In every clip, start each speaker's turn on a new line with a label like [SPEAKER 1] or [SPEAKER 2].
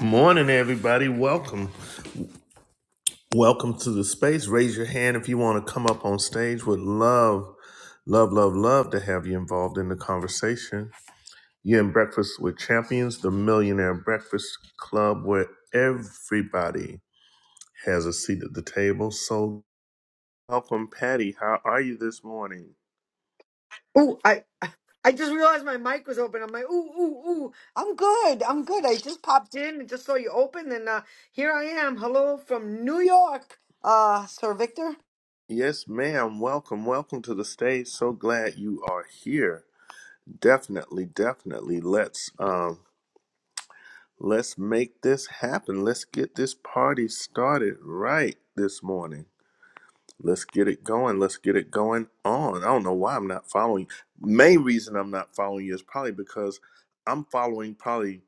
[SPEAKER 1] Morning, everybody. Welcome. Welcome to the space. Raise your hand if you want to come up on stage. Would love, love, love, love to have you involved in the conversation. You're in Breakfast with Champions, the Millionaire Breakfast Club, where everybody has a seat at the table. So, welcome, Patty. How are you this morning?
[SPEAKER 2] Ooh, I I just realized my mic was open. I'm like, ooh, ooh, ooh. I'm good. I'm good. I just popped in and just saw you open, and uh, here I am. Hello from New York, uh, Sir Victor.
[SPEAKER 1] Yes, ma'am. Welcome. Welcome to the stage. So glad you are here. Definitely, definitely. Let's um, Let's make this happen. Let's get this party started right this morning. Let's get it going. Let's get it going on. I don't know why I'm not following you. Main reason I'm not following you is probably because I'm following probably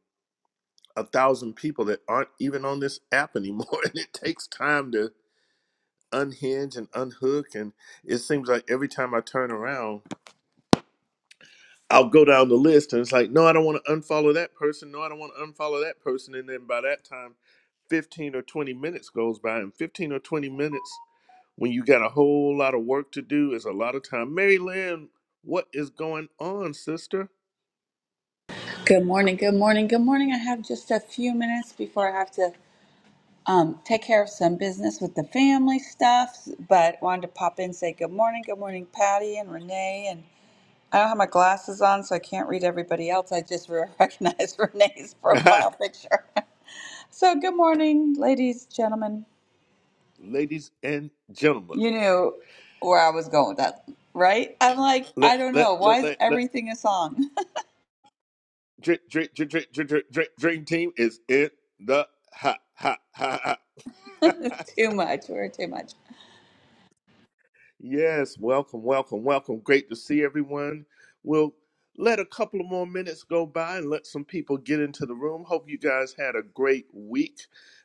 [SPEAKER 1] a thousand people that aren't even on this app anymore. And it takes time to unhinge and unhook. And it seems like every time I turn around, I'll go down the list and it's like, no, I don't want to unfollow that person. No, I don't want to unfollow that person. And then by that time, 15 or 20 minutes goes by and 15 or 20 minutes when you got a whole lot of work to do is a lot of time mary lynn what is going on sister
[SPEAKER 3] Good morning, good morning, good morning. I have just a few minutes before I have to um, take care of some business with the family stuff, but wanted to pop in and say good morning, good morning, Patty and Renee. And I don't have my glasses on, so I can't read everybody else. I just re- recognize Renee's profile picture. so, good morning, ladies, gentlemen.
[SPEAKER 1] ladies and gentlemen
[SPEAKER 3] You knew where I was going with that, right? I'm like, I
[SPEAKER 1] let
[SPEAKER 3] don't
[SPEAKER 1] let
[SPEAKER 3] know. Why
[SPEAKER 1] let
[SPEAKER 3] is
[SPEAKER 1] let let
[SPEAKER 3] everything a song?
[SPEAKER 1] drink drink drink drink drink drink drink dream team is in the ha ha ha ha.
[SPEAKER 3] too much. We're too much.
[SPEAKER 1] Yes, welcome, welcome, welcome. Great to see everyone. We'll let a couple of more minutes go by and let some people get into the room. Hope you guys had a great week.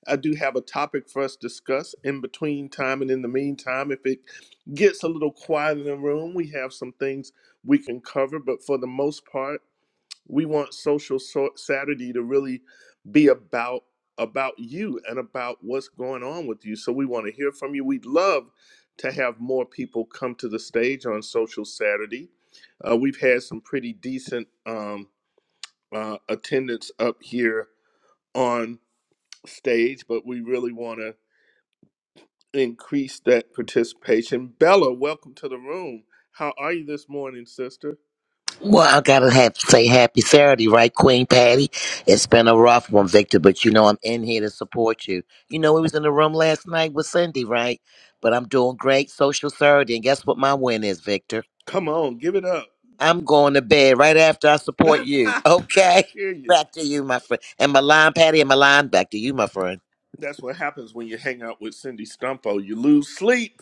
[SPEAKER 1] I do have a topic for us to discuss in between time and in the meantime. If it gets a little quiet in the room, we have some things we can cover, but for the most part, we want social so- saturday to really be about about you and about what's going on with you so we want to hear from you we'd love to have more people come to the stage on social saturday uh, we've had some pretty decent um, uh, attendance up here on stage but we really want to increase that participation bella welcome to the room how are you this morning sister
[SPEAKER 4] Well, I gotta have to say happy Saturday, right, Queen Patty? It's been a rough one, Victor, but you know I'm in here to support you. You know we was in the room last night with Cindy, right? But I'm doing great social Saturday, and guess what my win is, Victor?
[SPEAKER 1] come on give it up
[SPEAKER 4] I'm going to bed right after I support you.
[SPEAKER 1] i
[SPEAKER 4] Okay,
[SPEAKER 1] hear you
[SPEAKER 4] back to you, my friend, and my line, Patty, and my line, back to you, my friend.
[SPEAKER 1] That's what happens when you hang out with Cindy Stumpo. You lose sleep,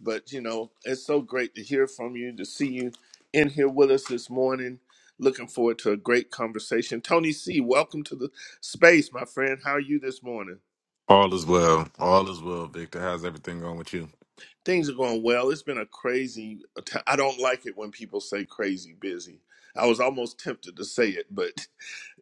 [SPEAKER 1] but you know, it's so great to hear from you, to see you in here with us this morning. Looking forward to a great conversation. Tony C, welcome to the space, my friend. How are you this morning?
[SPEAKER 5] All is well. All is well, Victor. How's everything going with you?
[SPEAKER 1] Things are going well. It's been a crazy. I don't like it when people say crazy busy. I was almost tempted to say it, but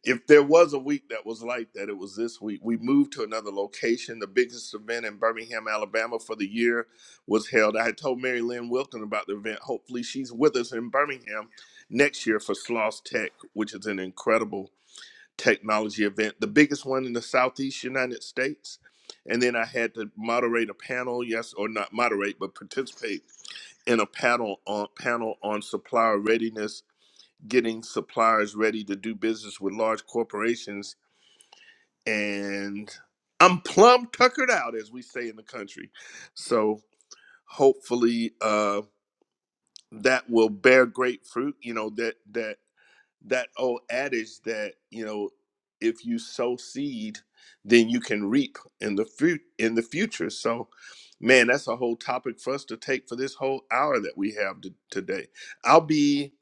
[SPEAKER 1] if there was a week that was like that, it was this week. We moved to another location. The biggest event in Birmingham, Alabama for the year was held. I had told Mary Lynn Wilton about the event. Hopefully, she's with us in Birmingham next year for Sloss Tech, which is an incredible technology event, the biggest one in the Southeast United States. And then I had to moderate a panel, yes, or not moderate, but participate in a panel on panel on supplier readiness, getting suppliers ready to do business with large corporations and I'm plumb tuckered out, as we say in the country. So hopefully uh, that will bear great fruit. You know that that that old adage that you know if you sow seed, then you can reap in the fruit in the future. So man, that's a whole topic for us to take for this whole hour that we have to, today. I'll be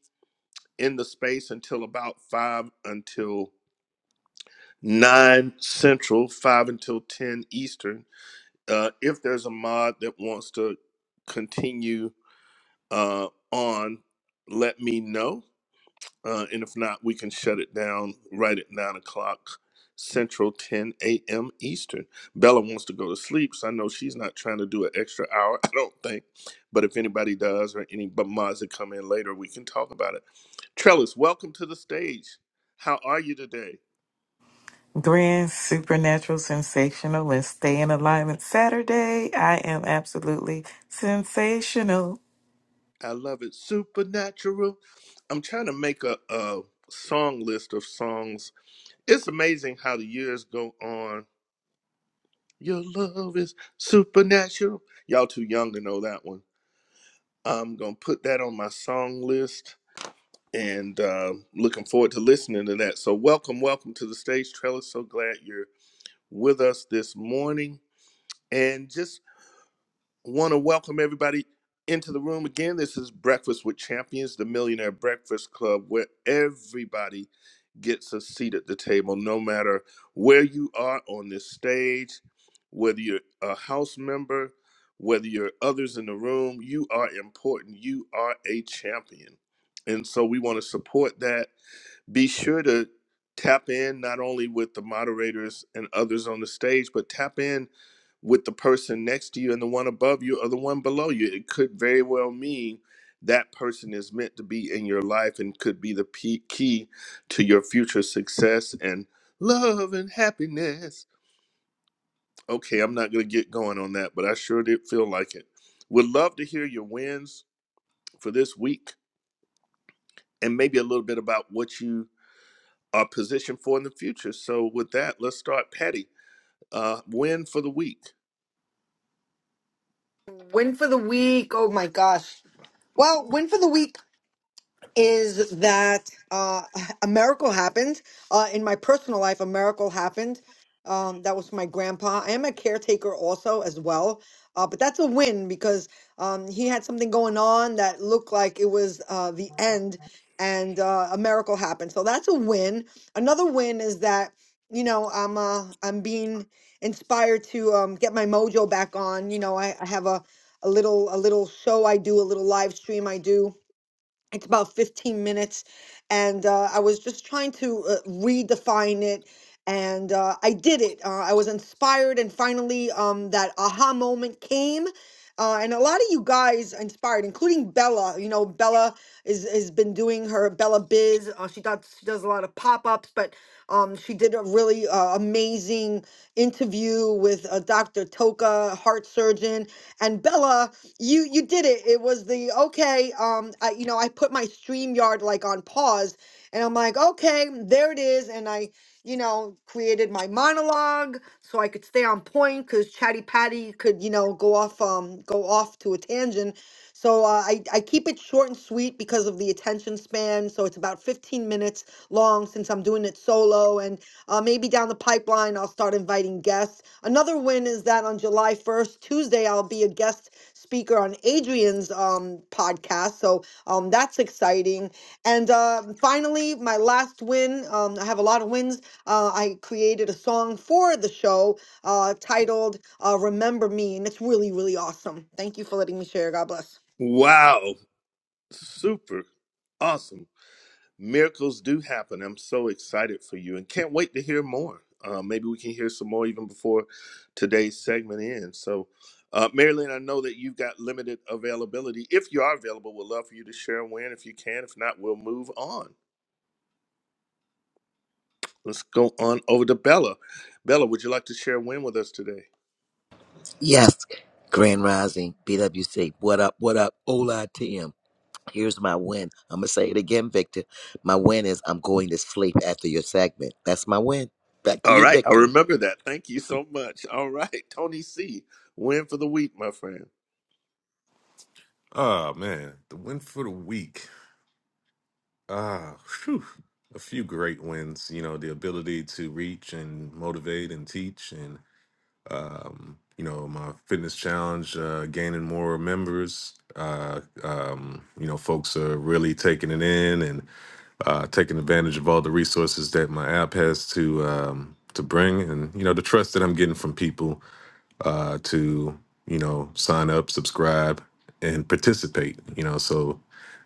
[SPEAKER 1] in the space until about five until nine central, five until ten eastern Uh, if there's a mod that wants to continue uh, on, let me know. Uh, and if not, we can shut it down right at 9 o'clock Central, 10 a.m. Eastern. Bella wants to go to sleep, so I know she's not trying to do an extra hour, I don't think. But if anybody does or any bu- mods that come in later, we can talk about it. Trellis, welcome to the stage. How are you today?
[SPEAKER 6] Grand, supernatural, sensational, and stay in alignment. Saturday, I am absolutely sensational.
[SPEAKER 1] I love it. Supernatural. I'm trying to make a, a song list of songs. It's amazing how the years go on. Your love is supernatural. Y'all too young to know that one. I'm gonna put that on my song list and uh, looking forward to listening to that. So welcome, welcome to the stage, Trellis. So glad you're with us this morning. And just want to welcome everybody into the room again. This is Breakfast with Champions, the Millionaire Breakfast Club, where everybody gets a seat at the table, no matter where you are on this stage, whether you're a house member, whether you're others in the room, you are important. You are a champion. And so we want to support that be sure to tap in not only with the moderators and others on the stage, but tap in with the person next to you and the one above you or the one below you. It could very well mean that person is meant to be in your life and could be the pe- key to your future success and love and happiness. Okay, I'm not going to get going on that, but I sure did feel like it. Would love to hear your wins for this week and maybe a little bit about what you a position for in the future. So with that, let's start Patty. Uh, win for the week.
[SPEAKER 2] Win for the week. Oh my gosh. Well, win for the week. is that uh, a miracle happened uh, in my personal life. A miracle happened. Um, that was my grandpa. I am a caretaker also as well, uh, but that's a win because um, he had something going on that looked like it was uh, the end, and uh, a miracle happened. So that's a win. Another win is that you know I'm uh, I'm being inspired to um, get my mojo back on. You know I, I have a a little a little show I do, a little live stream I do it's about 15 minutes, and uh, I was just trying to uh, redefine it, and uh, I did it. Uh, I was inspired, and finally, um, that aha moment came. Uh, and a lot of you guys inspired, including Bella. You know, Bella is has been doing her Bella Biz. Uh, she does she does a lot of pop ups, but um, she did a really uh, amazing interview with uh, Dr. Toka, heart surgeon, and Bella you you did it. It was the okay. Um, I, you know, I put my StreamYard like on pause, and I'm like, okay, there it is, and I, you know, created my monologue so I could stay on point because Chatty Patty could, you know, go off um go off to a tangent. So uh, I I keep it short and sweet because of the attention span. So it's about 15 minutes long since I'm doing it solo, and uh, maybe down the pipeline I'll start inviting guests. Another win is that on July 1st, Tuesday, I'll be a guest speaker on Adrian's um, podcast. So um, that's exciting. And uh, finally, my last win. Um, I have a lot of wins. Uh, I created a song for the show uh, titled uh, "Remember Me," and it's really, really awesome. Thank you for letting me share. God bless.
[SPEAKER 1] Wow. Super. Awesome. Miracles do happen. I'm so excited for you and can't wait to hear more. Uh, maybe we can hear some more even before today's segment ends. So, uh, Marilyn, I know that you've got limited availability. If you are available, we'd love for you to share and win if you can. If not, we'll move on. Let's go on over to Bella. Bella, would you like to share a win with us today?
[SPEAKER 4] Yes, Grand Rising, BWC. What up? What up? Ola T M. Here's my win. I'm gonna say it again, Victor. My win is I'm going to sleep after your segment. That's my win. Back to
[SPEAKER 1] All
[SPEAKER 4] you,
[SPEAKER 1] right, I
[SPEAKER 4] Victor.
[SPEAKER 1] remember that. Thank you so much. All right, Tony C, win for the week, my friend.
[SPEAKER 5] Ah, man, the win for the week. Ah, whew. a few great wins. You know, the ability to reach and motivate and teach, and um, you know, my fitness challenge uh, gaining more members. Uh, um, you know, folks are really taking it in and uh, taking advantage of all the resources that my app has to um, to bring, and you know, the trust that I'm getting from people uh, to you know sign up, subscribe, and participate. You know, so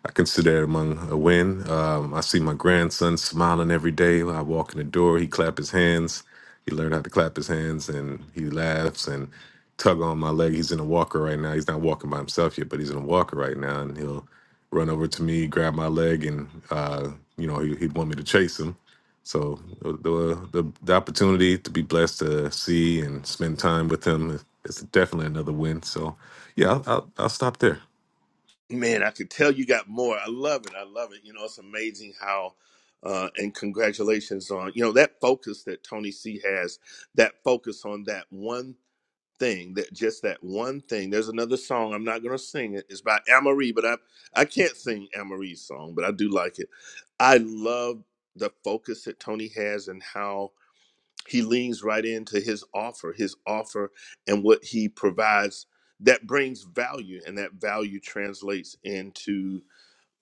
[SPEAKER 5] I consider it among a win. Um, I see my grandson smiling every day. when I walk in the door, he clap his hands. He learned how to clap his hands, and he laughs and tug on my leg. He's in a walker right now. He's not walking by himself yet, but he's in a walker right now, and he'll run over to me, grab my leg, and uh, you know he, he'd want me to chase him so the, the the opportunity to be blessed to see and spend time with him is, is definitely another win. So yeah, I'll, I'll I'll stop there.
[SPEAKER 1] Man, I could tell you got more. I love it. I love it. You know, it's amazing how. Uh, and congratulations on you know that focus that Tony C has. That focus on that one thing, that just that one thing. There's another song. I'm not going to sing it. It's by Amarie, but I I can't sing Amarie's song, but I do like it. I love the focus that Tony has and how he leans right into his offer his offer and what he provides that brings value and that value translates into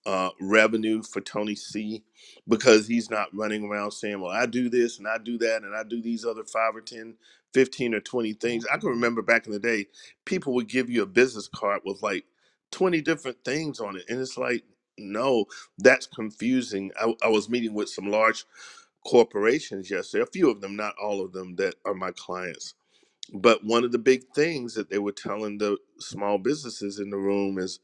[SPEAKER 1] uh, revenue for tony c because he's not running around saying well i do this and i do that and i do these other five or ten, fifteen or 20 things i can remember back in the day people would give you a business card with like 20 different things on it and it's like no that's confusing i, I was meeting with some large corporations yesterday, a few of them, not all of them that are my clients. But one of the big things that they were telling the small businesses in the room is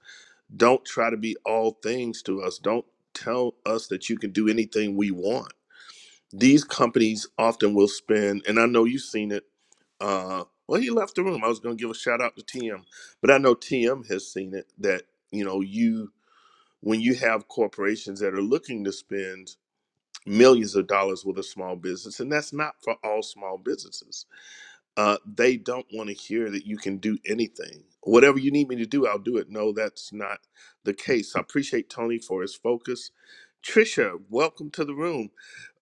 [SPEAKER 1] don't try to be all things to us. Don't tell us that you can do anything we want. These companies often will spend, and I know you've seen it. Uh, well, he left the room. I was going to give a shout out to TM, but I know TM has seen it that, you know, you, when you have corporations that are looking to spend millions of dollars with a small business, and that's not for all small businesses. Uh, they don't want to hear that you can do anything. Whatever you need me to do, I'll do it. No, that's not the case. I appreciate Tony for his focus. Trisha, welcome to the room.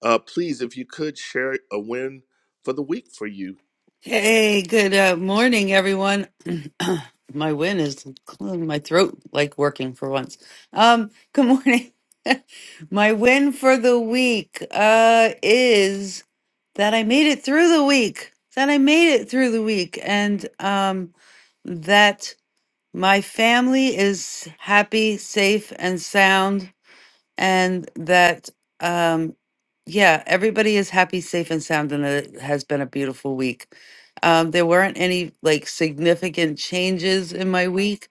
[SPEAKER 1] Uh, please, if you could share a win for the week for you.
[SPEAKER 7] Hey, good uh, morning, everyone. my win is my throat like working for once. Um, good morning. my win for the week uh is that I made it through the week. That I made it through the week, and um, that my family is happy, safe, and sound and that um yeah everybody is happy safe and sound and that it has been a beautiful week um there weren't any like significant changes in my week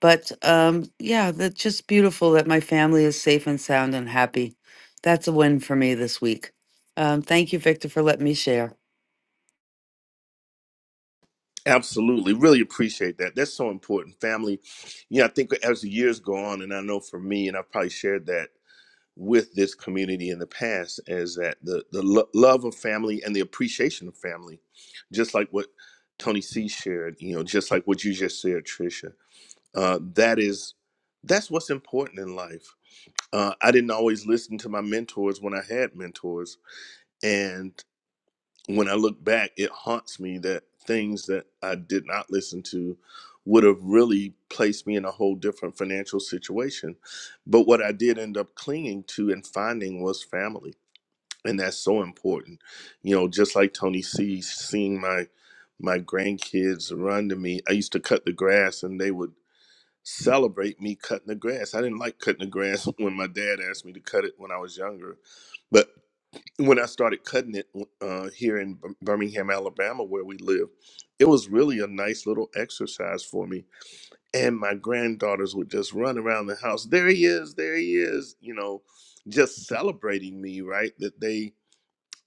[SPEAKER 7] but um yeah that's just beautiful that my family is safe and sound and happy that's a win for me this week um thank you victor for letting me share
[SPEAKER 1] Absolutely. Really appreciate that. That's so important. Family, yeah, I think as the years go on, and I know for me, and I've probably shared that with this community in the past is that the the lo- love of family and the appreciation of family, just like what Tony C shared, you know, just like what you just said, Tricia. Uh, that is that's what's important in life. Uh, I didn't always listen to my mentors when I had mentors, and when I look back, it haunts me that things that I did not listen to would have really placed me in a whole different financial situation. But what I did end up clinging to and finding was family. And that's so important. You know, just like Tony C, seeing my my grandkids run to me. I used to cut the grass and they would celebrate me cutting the grass. I didn't like cutting the grass when my dad asked me to cut it when I was younger. but when I started cutting it uh, here in Bir- Birmingham, Alabama, where we live, it was really a nice little exercise for me. And my granddaughters would just run around the house. There he is, there he is, you know, just celebrating me, right? That they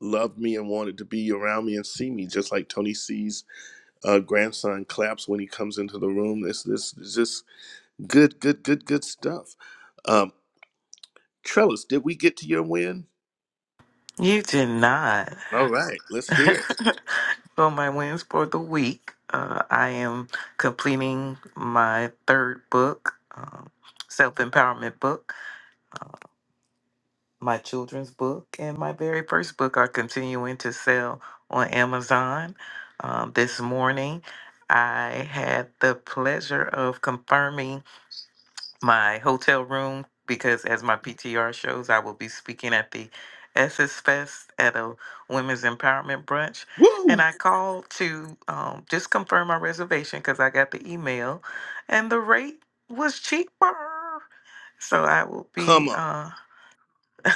[SPEAKER 1] loved me and wanted to be around me and see me, just like Tony C's uh, grandson claps when he comes into the room. This, this, this is good, good, good, good stuff. Um, Trellis, did we get to your win?
[SPEAKER 6] You did not.
[SPEAKER 1] All right, let's hear it.
[SPEAKER 6] On my wins for the week, uh, I am completing my third book, um, self empowerment book, my children's book, and my very first book are continuing to sell on Amazon. Um, this morning, I had the pleasure of confirming my hotel room because, as my PTR shows, I will be speaking at the Essex Fest at a women's empowerment brunch. And
[SPEAKER 1] Woo!
[SPEAKER 6] I called to um, just confirm my reservation because I got the email, and the rate was cheaper. So I will be.
[SPEAKER 1] Come on.
[SPEAKER 6] uh,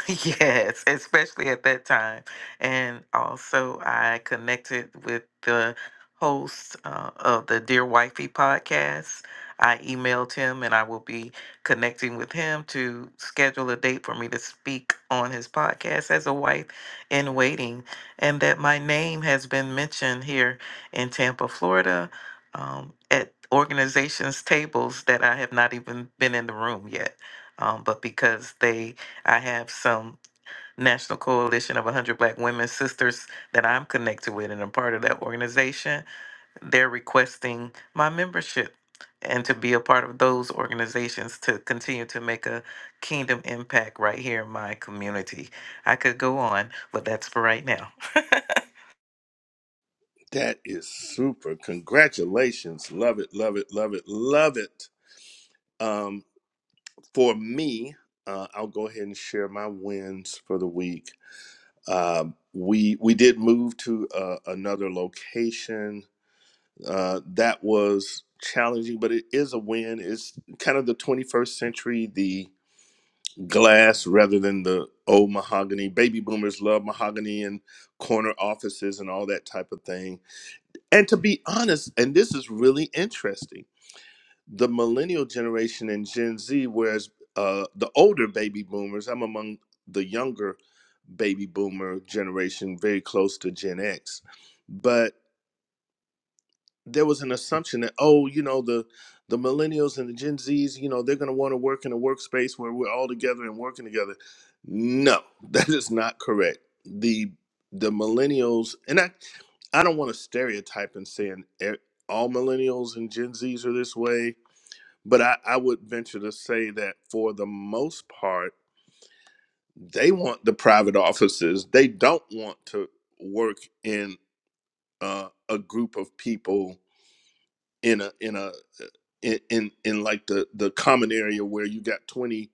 [SPEAKER 6] yes, especially at that time. And also, I connected with the host uh, of the Dear Wifey podcast. I emailed him and I will be connecting with him to schedule a date for me to speak on his podcast as a wife in waiting. And that my name has been mentioned here in Tampa, Florida, um, at organizations' tables that I have not even been in the room yet. Um, but because they I have some National Coalition of 100 Black Women Sisters that I'm connected with and I'm part of that organization. They're requesting my membership and to be a part of those organizations to continue to make a kingdom impact right here in my community. I could go on, but that's for right now.
[SPEAKER 1] That is super. Congratulations. Love it, love it, love it, love it. Um, for me, uh, I'll go ahead and share my wins for the week. Um, we we did move to uh, another location. Uh, that was challenging, but it is a win. It's kind of the 21st century, the glass rather than the old mahogany. Baby boomers love mahogany and corner offices and all that type of thing And to be honest, and this is really interesting, the millennial generation and Gen Z, whereas uh, the older baby boomers, I'm among the younger baby boomer generation, very close to Gen X. but there was an assumption that oh you know the the millennials and the gen z's you know they're going to want to work in a workspace where we're all together and working together no that is not correct the the millennials and i i don't want to stereotype and saying e- all millennials and gen z's are this way but i i would venture to say that for the most part they want the private offices they don't want to work in uh, a group of people in a in a in in, in like the the common area where you got 20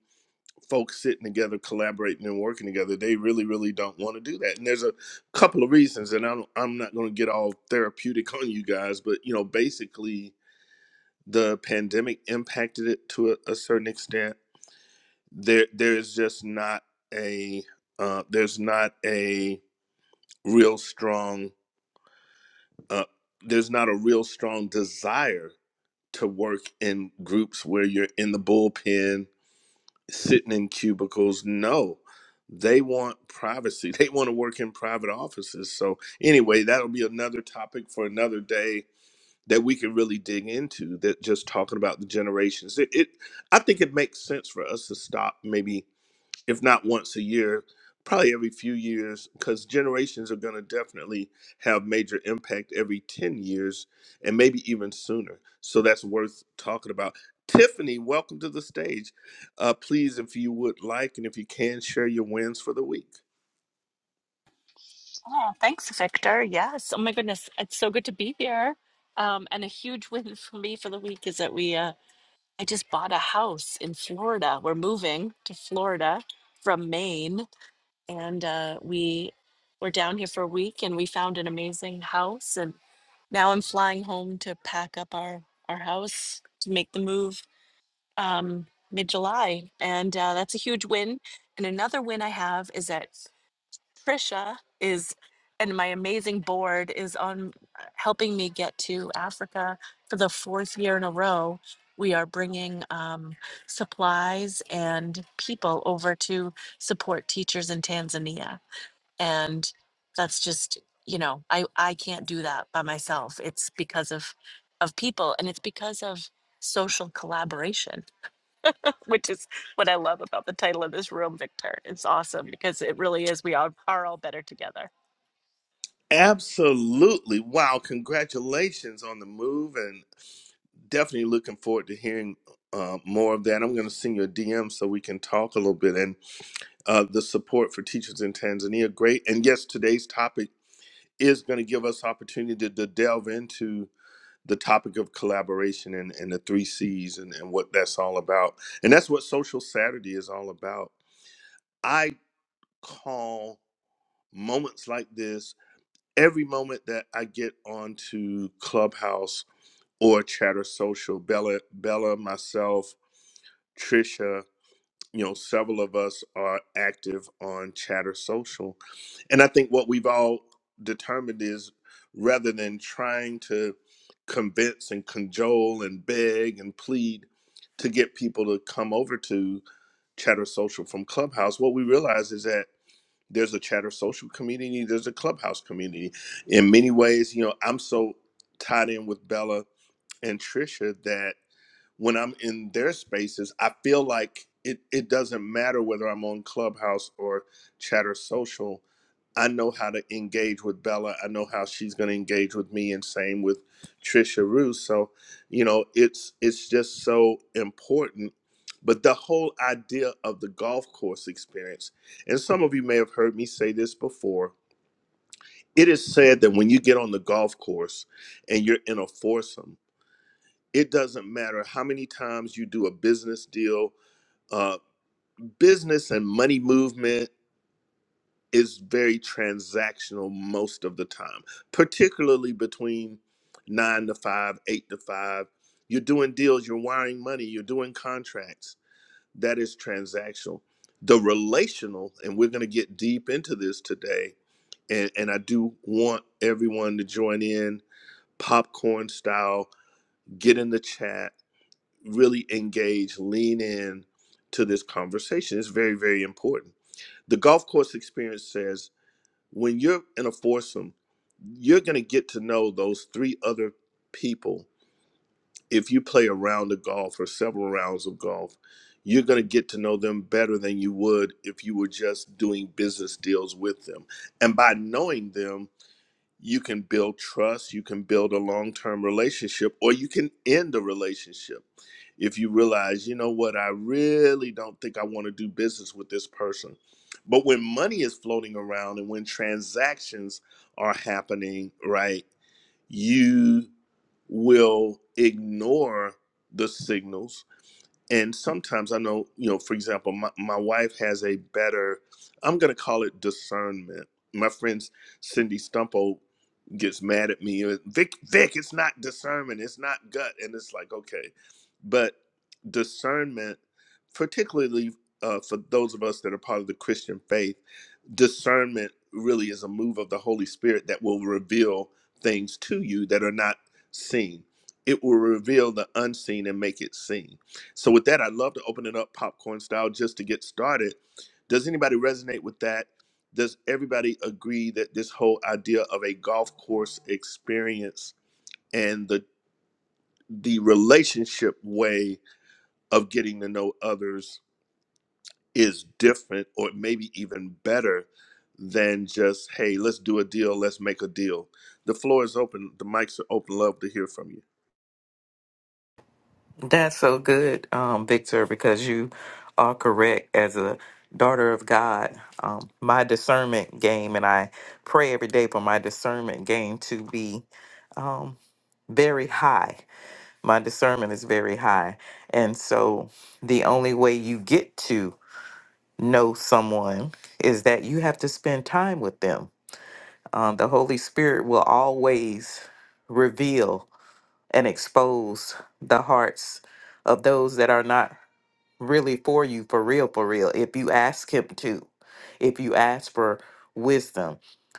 [SPEAKER 1] folks sitting together collaborating and working together they really really don't want to do that and there's a couple of reasons and I'm, I'm not going to get all therapeutic on you guys but you know basically the pandemic impacted it to a, a certain extent there there's just not a uh, there's not a real strong uh, there's not a real strong desire to work in groups where you're in the bullpen, sitting in cubicles. No, they want privacy. They want to work in private offices. So, anyway, that'll be another topic for another day that we can really dig into that just talking about the generations. It, it I think it makes sense for us to stop maybe if not once a year, probably every few years, because generations are going to definitely have major impact every 10 years and maybe even sooner. So that's worth talking about. Tiffany, welcome to the stage. Uh, please, if you would like and if you can, share your wins for the week.
[SPEAKER 8] Oh, thanks, Victor. Yes. Oh my goodness, it's so good to be here. Um, and a huge win for me for the week is that we uh, I just bought a house in Florida. We're moving to Florida from Maine, and uh, we were down here for a week, and we found an amazing house. And now I'm flying home to pack up our our house to make the move um, mid July, and uh, that's a huge win. And another win I have is that Trisha is, and my amazing board is on uh, helping me get to Africa for the fourth year in a row. We are bringing um, supplies and people over to support teachers in Tanzania. And that's just, you know, I, I can't do that by myself. It's because of, of people and it's because of social collaboration, which is what I love about the title of this room, Victor. It's awesome because it really is. We all are all better together.
[SPEAKER 1] Absolutely. Wow. Congratulations on the move and definitely looking forward to hearing uh, more of that. I'm going to send you a DM so we can talk a little bit. And uh, the support for teachers in Tanzania. Great. And yes, today's topic is going to give us opportunity to delve into the topic of collaboration and, and the three C's and, and what that's all about. And that's what Social Saturday is all about. I call moments like this every moment that I get onto Clubhouse or Chatter Social, Bella, Bella, myself, Trisha, you know several of us are active on chatter social and i think what we've all determined is rather than trying to convince and cajole and beg and plead to get people to come over to chatter social from clubhouse what we realize is that there's a chatter social community there's a clubhouse community in many ways you know i'm so tied in with bella and trisha that when I'm in their spaces, I feel like it, it doesn't matter whether I'm on Clubhouse or Chatter Social. I know how to engage with Bella. I know how she's going to engage with me, and same with Trisha Roos. So, you know, it's it's just so important. But the whole idea of the golf course experience, and some of you may have heard me say this before. It is said that when you get on the golf course and you're in a foursome, it doesn't matter how many times you do a business deal. Uh, business and money movement is very transactional most of the time, particularly between nine to five, eight to five. You're doing deals, you're wiring money, you're doing contracts. That is transactional. The relational, and we're going to get deep into this today, and, and I do want everyone to join in popcorn style, get in the chat really engage, lean in to this conversation. It's very, very important. The golf course experience says when you're in a foursome, you're going to get to know those three other people. If you play a round of golf or several rounds of golf, you're going to get to know them better than you would if you were just doing business deals with them. And by knowing them, you can build trust, you can build a long term relationship, or you can end a relationship. If you realize, you know what, I really don't think I want to do business with this person. But when money is floating around and when transactions are happening, right, you will ignore the signals and sometimes i know you know for example my, my wife has a better i'm going to call it discernment my friend cindy stumpo gets mad at me uh, vic vic it's not discernment it's not gut and it's like okay but discernment particularly uh, for those of us that are part of the christian faith discernment really is a move of the Holy Spirit that will reveal things to you that are not seen. It will reveal the unseen and make it seen. So, with that, I'd love to open it up popcorn style just to get started. Does anybody resonate with that? Does everybody agree that this whole idea of a golf course experience and the the relationship way of getting to know others is different or maybe even better than just, hey, let's do a deal, let's make a deal. The floor is open, the mics are open. Love to hear from you.
[SPEAKER 6] That's so good, um, Victor, because you are correct. As a daughter of God, um, my discernment game, and I pray every day for my discernment game to be um, very high. My discernment is very high. And so the only way you get to know someone is that you have to spend time with them. Um, the Holy Spirit will always reveal and expose the hearts of those that are not really for you for real for real if you ask him to if you ask for wisdom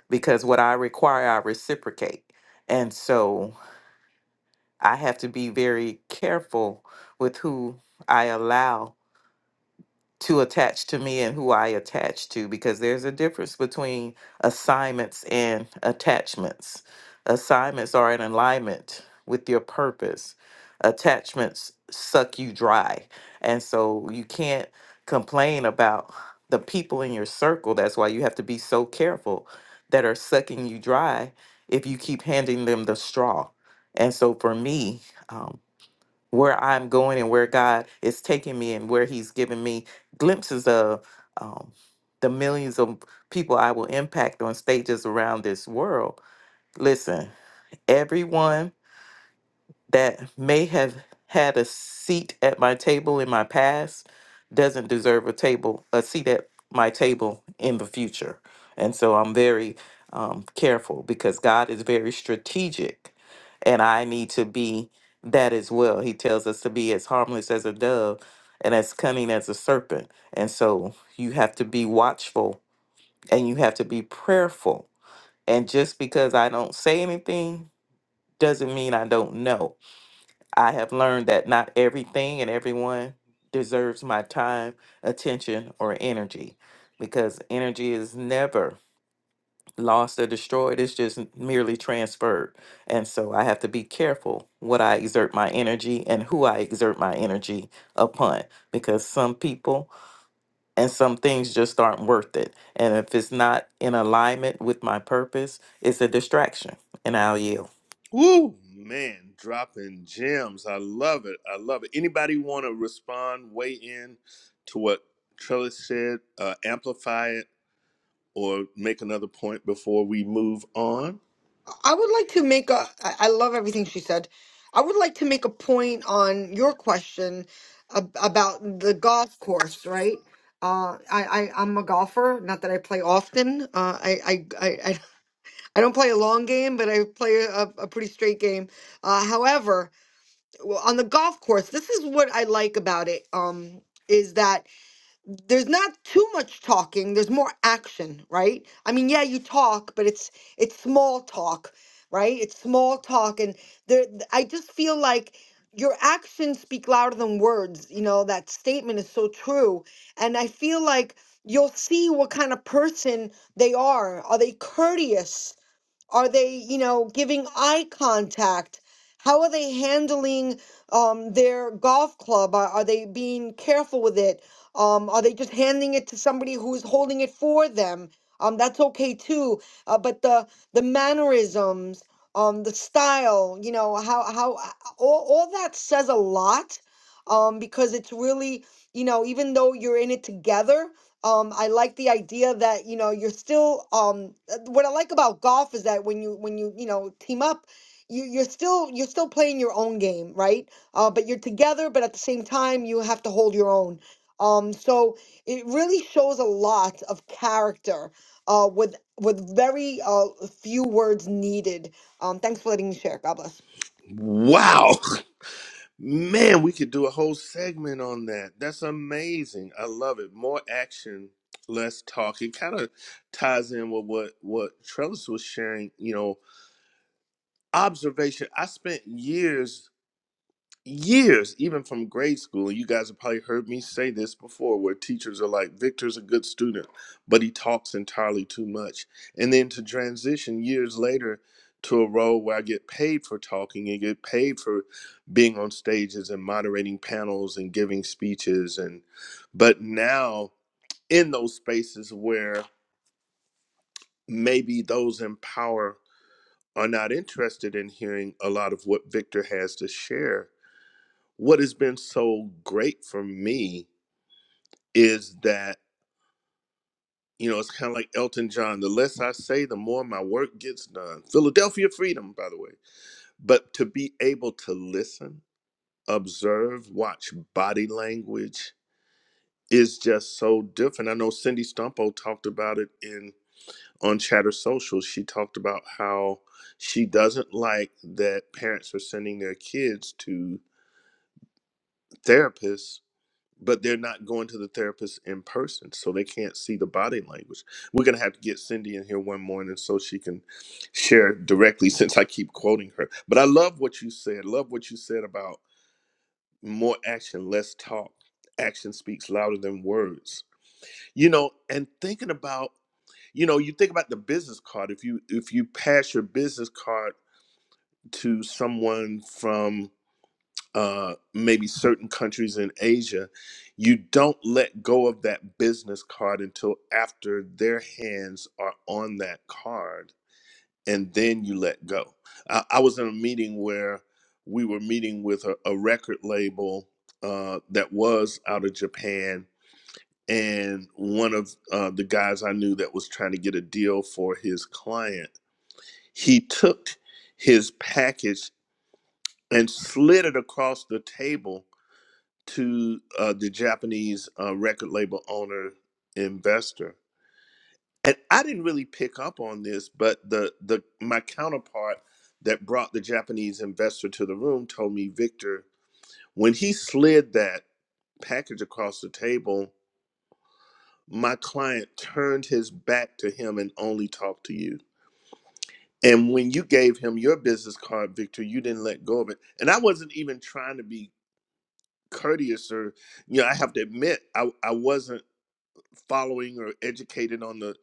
[SPEAKER 6] because what i require i reciprocate and so i have to be very careful with who i allow to attach to me and who I attach to because there's a difference between assignments and attachments. Assignments are in alignment with your purpose. Attachments suck you dry. And so you can't complain about the people in your circle. That's why you have to be so careful that are sucking you dry if you keep handing them the straw. And so for me, um, where I'm going and where God is taking me and where He's giving me glimpses of um, the millions of people I will impact on stages around this world. Listen, everyone that may have had a seat at my table in my past doesn't deserve a table a seat at my table in the future and so i'm very um, careful because god is very strategic and i need to be that as well he tells us to be as harmless as a dove and as cunning as a serpent and so you have to be watchful and you have to be prayerful and just because i don't say anything doesn't mean i don't know I have learned that not everything and everyone deserves my time, attention, or energy because energy is never lost or destroyed. It's just merely transferred. And so I have to be careful what I exert my energy and who I exert my energy upon because some people and some things just aren't worth it. And if it's not in alignment with my purpose, it's a distraction. And I'll yield.
[SPEAKER 1] Woo, man, dropping gems. I love it. I love it. Anybody want to respond, weigh in to what Trellis said, uh, amplify it, or make another point before we move on?
[SPEAKER 2] I would like to make a. I I love everything she said. I would like to make a point on your question ab- about the golf course, right? Uh, I, I I'm a golfer. Not that I play often. Uh, I I I, I don't play a long game, but I play a, a pretty straight game. Uh, however, w- on the golf course, this is what I like about it. Um, is that there's not too much talking. There's more action, right? I mean, yeah, you talk, but it's it's small talk, right? It's small talk, and there. th- I just feel like your actions speak louder than words. You know that statement is so true, and I feel like you'll see what kind of person they are. Are they courteous? Are they, you know, giving eye contact? How are they handling um, their golf club? Are, are they being careful with it? Um, are they just handing it to somebody who's holding it for them? Um, that's okay too. Uh, but the the mannerisms, um, the style, you know, how how uh, all, all that says a lot. Um, because it's really, you know, even though you're in it together, um, I like the idea that you know you're still. Um, uh, what I like about golf is that when you when you you know team up, you you're still you're still playing your own game, right? Uh, but you're together, but at the same time you have to hold your own. Um, so it really shows a lot of character. Uh, with with very uh few words needed. Um, thanks for letting me share. God bless.
[SPEAKER 1] Wow. Man, we could do a whole segment on that. That's amazing. I love it. More action, less talk. It kind of ties in with what what Trellis was sharing. You know, observation. I spent years years, even from grade school. You guys have probably heard me say this before, where teachers are like, Victor's a good student, but he talks entirely too much. And then to transition years later to a role where I get paid for talking and get paid for being on stages and moderating panels and giving speeches and but now in those spaces where maybe those in power are not interested in hearing a lot of what Victor has to share what has been so great for me is that you know it's kind of like elton john the less i say the more my work gets done philadelphia freedom by the way but to be able to listen observe watch body language is just so different i know cindy stumpo talked about it in on chatter social she talked about how she doesn't like that parents are sending their kids to therapists but they're not going to the therapist in person, so they can't see the body language. We're gonna have to get Cindy in here one morning so she can share directly, since I keep quoting her. But I love what you said. Love what you said about more action, less talk. Action speaks louder than words. You know, and thinking about, you know, you think about the business card. If you if you pass your business card to someone from uh, maybe certain countries in Asia, you don't let go of that business card until after their hands are on that card, and then you let go. I, I was in a meeting where we were meeting with a, a record label uh, that was out of Japan, and one of uh, the guys I knew that was trying to get a deal for his client, he took his package and slid it across the table to uh, the Japanese uh, record label owner investor. And I didn't really pick up on this, but the the my counterpart that brought the Japanese investor to the room told me, Victor, when he slid that package across the table, my client turned his back to him and only talked to you. And when you gave him your business card, Victor, you didn't let go of it. And I wasn't even trying to be courteous or, you know, I have to admit, I, I wasn't following or educated on the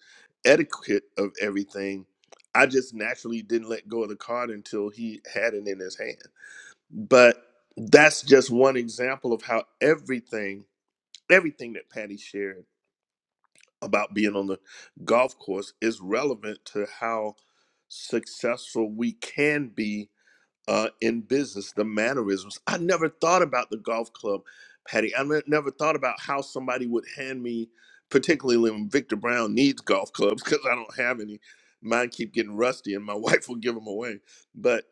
[SPEAKER 1] etiquette of everything. I just naturally didn't let go of the card until he had it in his hand. But that's just one example of how everything, everything that Patty shared about being on the golf course is relevant to how successful we can be uh, in business, the mannerisms. I never thought about the golf club, Patty. I ne- never thought about how somebody would hand me, particularly when Victor Brown needs golf clubs because I don't have any. Mine keep getting rusty, and my wife will give them away. But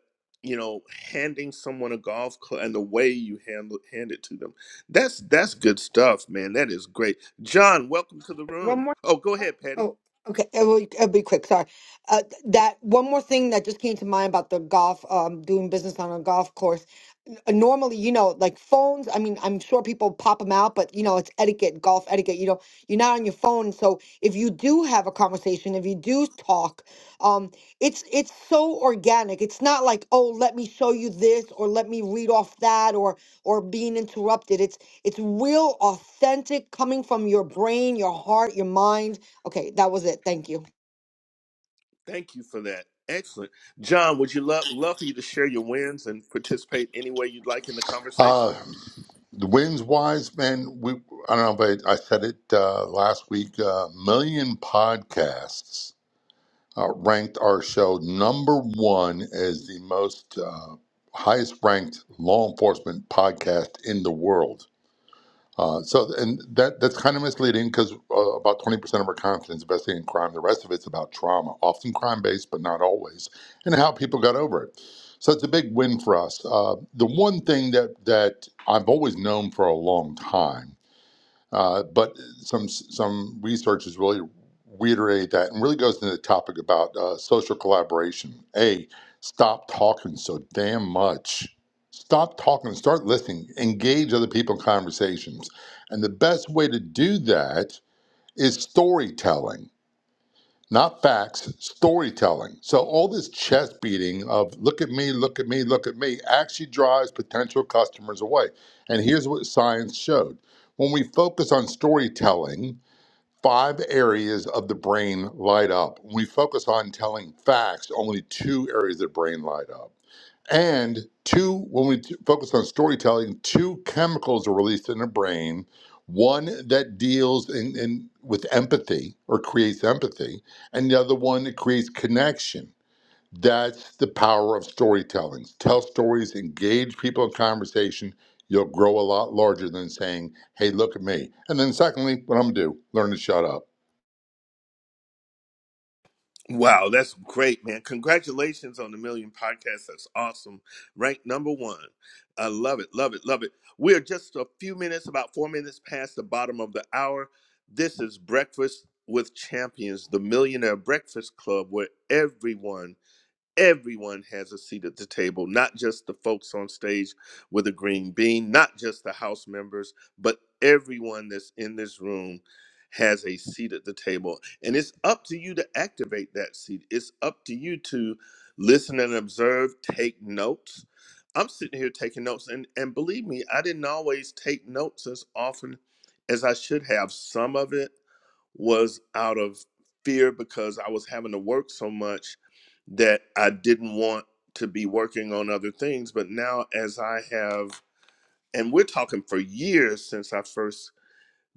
[SPEAKER 1] you know, handing someone a golf club and the way you handle hand it to them—that's that's that's good stuff, man. That is great. John, welcome to the room.
[SPEAKER 2] one more.
[SPEAKER 1] Oh, go
[SPEAKER 2] Oh,
[SPEAKER 1] ahead, Patty.
[SPEAKER 2] oh, okay. It'll, it'll be quick. Sorry. Uh, that one more thing that just came to mind about the golf, um, doing business on a golf course. N- uh, Normally, you know, like phones. I mean, I'm sure people pop them out, but you know, it's etiquette, golf etiquette. You know, you're not on your phone, so if you do have a conversation, if you do talk, um, it's it's so organic. It's not like oh, let me show you this or let me read off that or or being interrupted. It's real, authentic, coming from your brain, your heart, your mind. Okay, that was it. Thank you.
[SPEAKER 1] Thank you for that. Excellent. John, would you love love for you to share your wins and participate any way you'd like in the conversation?
[SPEAKER 9] Uh, the wind's wise man. We I don't know, but I said it uh, last week. Uh, million podcasts uh, ranked our show number one as the most uh, highest ranked law enforcement podcast in the world. Uh, so, and that that's kind of misleading because uh, about 20% of our content is investing in crime, the rest of it's about trauma, often crime based, but not always, and how people got over it. So it's a big win for us. Uh, the one thing that that I've always known for a long time uh, but some some research is really reiterate that and really goes into the topic about uh, social collaboration. A, stop talking so damn much. Stop talking, start listening, engage other people in conversations. And the best way to do that is storytelling not facts, storytelling. So all this chest beating of look at me, look at me, look at me actually drives potential customers away. And here's what science showed. When we focus on storytelling, five areas of the brain light up. When we focus on telling facts, only two areas of the brain light up. And two, when we t- focus on storytelling, two chemicals are released in the brain. One that deals in, in with empathy or creates empathy, and the other one that creates connection. That's the power of storytelling. Tell stories, engage people in conversation. You'll grow a lot larger than saying, "Hey, look at me." And then, secondly, what I'm gonna do? Learn to shut up.
[SPEAKER 1] Wow, that's great, man. Congratulations on the Million Podcast. That's awesome. Ranked number one. I love it, love it, love it. We're just a few minutes, about four minutes past the bottom of the hour. This is Breakfast with Champions, the Millionaire Breakfast Club, where everyone Everyone has a seat at the table, not just the folks on stage with a green bean, not just the House members, but everyone that's in this room has a seat at the table. And it's up to you to activate that seat. It's up to you to listen and observe, take notes. I'm sitting here taking notes, and, and believe me, I didn't always take notes as often as I should have. Some of it was out of fear because I was having to work so much that I didn't want to be working on other things. But now, as I have, and we're talking for years since I first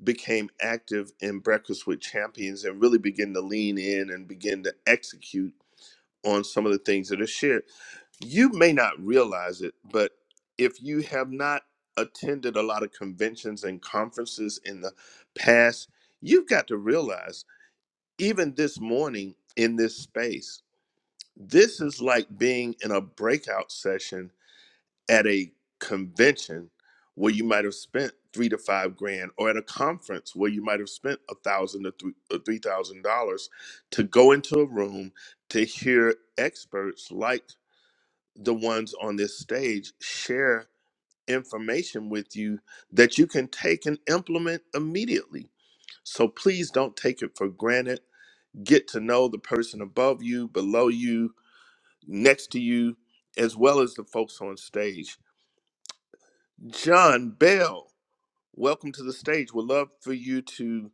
[SPEAKER 1] became active in Breakfast with Champions and really begin to lean in and begin to execute on some of the things that are shared. You may not realize it, but if you have not attended a lot of conventions and conferences in the past, you've got to realize even this morning in this space, this is like being in a breakout session at a convention where you might have spent three to five grand, or at a conference where you might have spent a thousand to three or three thousand dollars to go into a room to hear experts like the ones on this stage share information with you that you can take and implement immediately. So please don't take it for granted get to know the person above you, below you, next to you, as well as the folks on stage. John Bell, welcome to the stage. We'd love for you to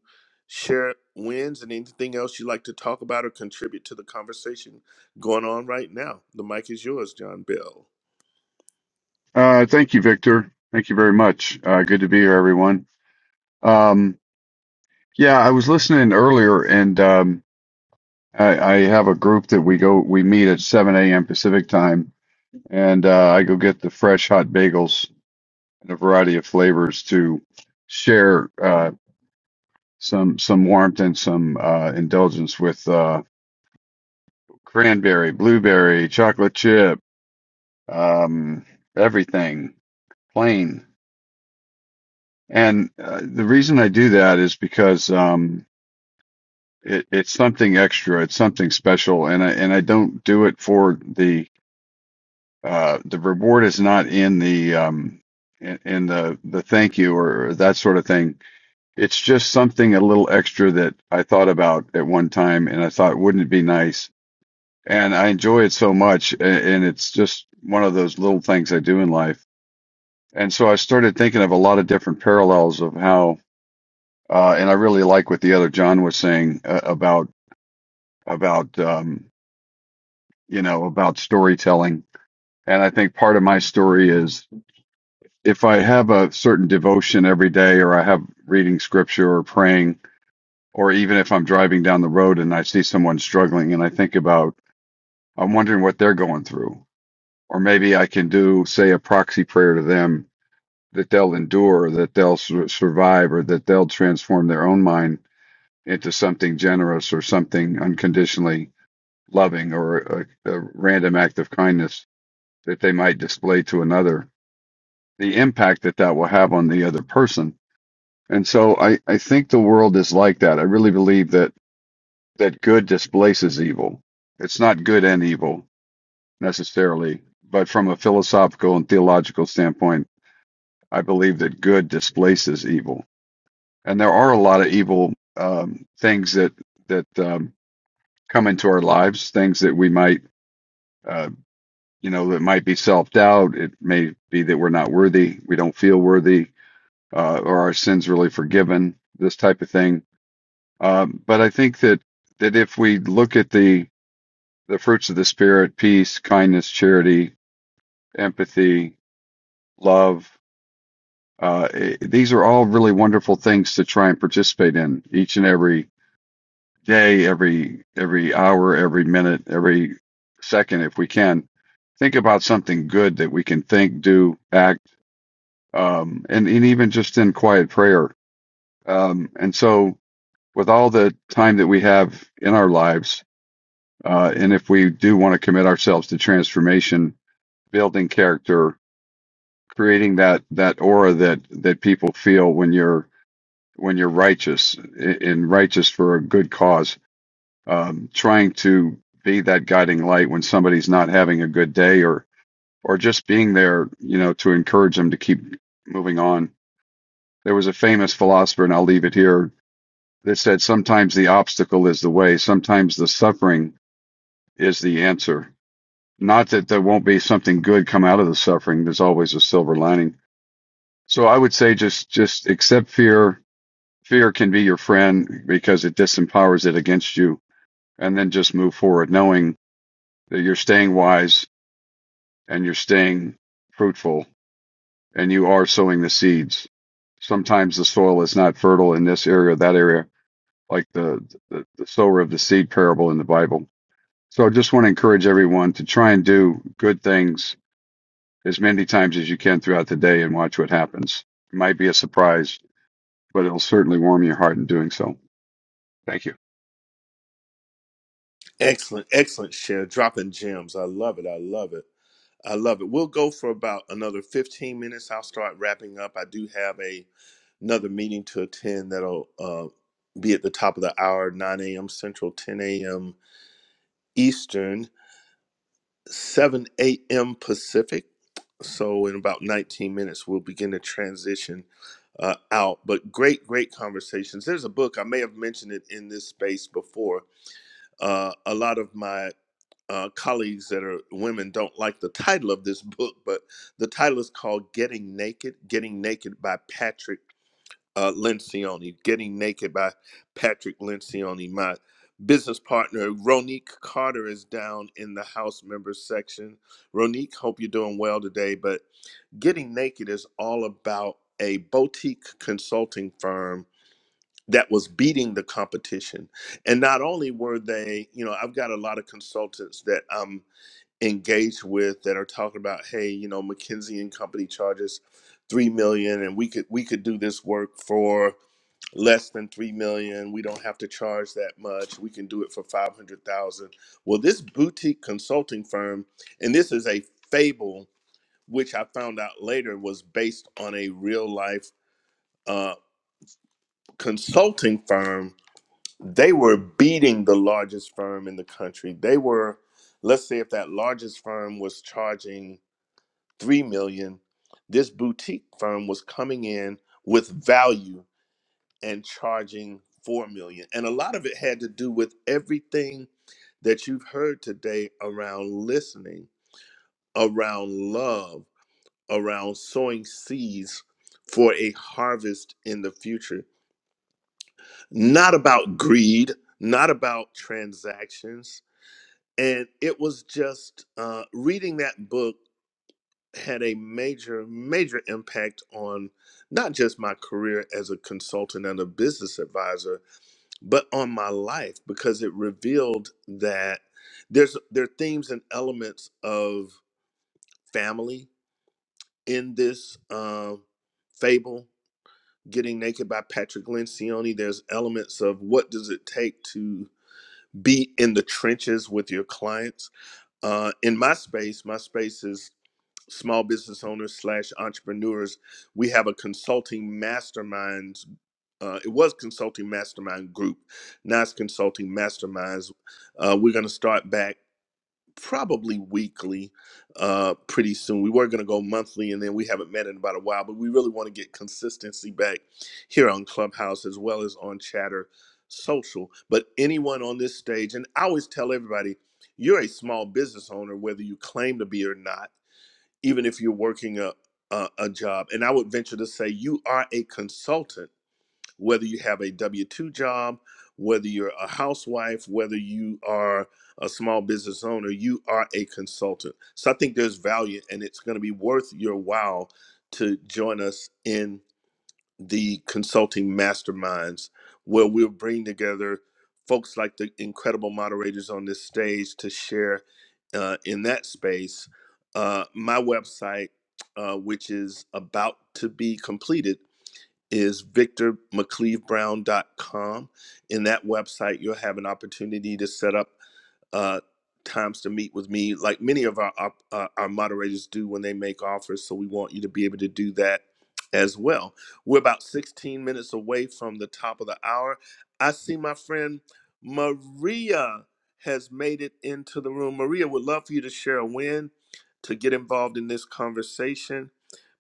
[SPEAKER 1] share wins and anything else you'd like to talk about or contribute to the conversation going on right now. The mic is yours, John Bell.
[SPEAKER 10] Uh, thank you, Victor. Thank you very much. Uh, good to be here, everyone. Um, yeah, I was listening earlier, and um, I, I have a group that we go we meet at 7 a.m. Pacific time, and uh, I go get the fresh hot bagels in a variety of flavors to share uh, some some warmth and some uh, indulgence with uh, cranberry, blueberry, chocolate chip, um, everything plain. And uh, the reason I do that is because um. it, it's something extra. It's something special, and I and I don't do it for the uh, the reward is not in the um, in, in the the thank you or that sort of thing. It's just something a little extra that I thought about at one time, and I thought wouldn't it be nice? And I enjoy it so much, a- and it's just one of those little things I do in life. And so I started thinking of a lot of different parallels of how, uh, and I really like what the other John was saying uh, about about. Um, you know, about storytelling. And I think part of my story is if I have a certain devotion every day, or I have reading scripture or praying, or even if I'm driving down the road and I see someone struggling and I think about, I'm wondering what they're going through. Or maybe I can do, say, a proxy prayer to them that they'll endure, that they'll sur- survive, or that they'll transform their own mind into something generous or something unconditionally loving or a, a random act of kindness that they might display to another, the impact that that will have on the other person. And so I, I think the world is like that. I really believe that, that good displaces evil. It's not good and evil necessarily, but from a philosophical and theological standpoint, I believe that good displaces evil. And there are a lot of evil um, things that, that um, come into our lives, things that we might, uh, you know, that might be self doubt. It may be that we're not worthy, we don't feel worthy, uh, or our sins really forgiven, this type of thing. Um, but I think that that if we look at the the fruits of the spirit, peace, kindness, charity, empathy, love, uh, i these are all really wonderful things to try and participate in each and every day, every every hour, every minute, every second, if we can. Think about something good that we can think, do, act, um, and, and even just in quiet prayer. Um, and so with all the time that we have in our lives, uh, and if we do want to commit ourselves to transformation, building character, creating that that aura that that people feel when you're when you're righteous and righteous for a good cause, um, trying to be that guiding light when somebody's not having a good day or or just being there, you know, to encourage them to keep moving on. There was a famous philosopher, and I'll leave it here, that said sometimes the obstacle is the way, sometimes the suffering is the answer. Not that there won't be something good come out of the suffering. There's always a silver lining. So I would say just just accept fear. Fear can be your friend because it disempowers it against you, and then just move forward, knowing that you're staying wise and you're staying fruitful, and you are sowing the seeds. Sometimes the soil is not fertile in this area or that area, like the the, the sower of the seed parable in the Bible. So I just want to encourage everyone to try and do good things as many times as you can throughout the day and watch what happens. It might be a surprise, but it'll certainly warm your heart in doing so. Thank you.
[SPEAKER 1] Excellent, excellent share, dropping gems. I love it. I love it. I love it. We'll go for about another 15 minutes. I'll start wrapping up. I do have a another meeting to attend that'll uh, be at the top of the hour, 9 a.m. Central, 10 a.m. Eastern, 7 a.m. Pacific. So in about 19 minutes, we'll begin to transition uh, out. But great, great conversations. There's a book I may have mentioned it in this space before uh, a lot of my uh, colleagues that are women don't like the title of this book, but the title is called Getting Naked, Getting Naked by Patrick uh, Lencioni, Getting Naked by Patrick Lencioni. My business partner, Ronique Carter, is down in the House members section. Ronique, hope you're doing well today, but Getting Naked is all about a boutique consulting firm that was beating the competition. And not only were they, you know, I've got a lot of consultants that I'm engaged with that are talking about, hey, you know, McKinsey and Company charges three million, and we could we could do this work for less than three million. We don't have to charge that much. We can do it for five hundred thousand. Well, this boutique consulting firm, and this is a fable, which I found out later was based on a real life uh, consulting firm they were beating the largest firm in the country. They were, let's say, if that largest firm was charging three million, this boutique firm was coming in with value and charging four million. And a lot of it had to do with everything that you've heard today around listening, around love, around sowing seeds for a harvest in the future. Not about greed, not about transactions and it was just uh, reading that book had a major major impact on not just my career as a consultant and a business advisor but on my life because it revealed that there's there are themes and elements of family in this uh, fable getting naked by patrick lencioni there's elements of what does it take to be in the trenches with your clients uh, in my space, my space is small business owners slash entrepreneurs we have a consulting masterminds uh, it was consulting mastermind group now it's consulting masterminds uh, we're going to start back probably weekly uh, pretty soon we were going to go monthly and then we haven't met in about a while but we really want to get consistency back here on clubhouse as well as on chatter social but anyone on this stage and i always tell everybody you're a small business owner whether you claim to be or not even if you're working a, a, a job. And I would venture to say you are a consultant, whether you have a W 2 job, whether you're a housewife, whether you are a small business owner, you are a consultant. So I think there's value and it's going to be worth your while to join us in the consulting masterminds where we'll bring together folks like the incredible moderators on this stage to share uh, in that space uh, my website uh, which is about to be completed is victormcleavebrown.com in that website you'll have an opportunity to set up uh, times to meet with me, like many of our op- uh, our moderators do when they make offers. So we want you to be able to do that as well. We're about 16 minutes away from the top of the hour. I see my friend Maria has made it into the room. Maria would love for you to share a win to get involved in this conversation.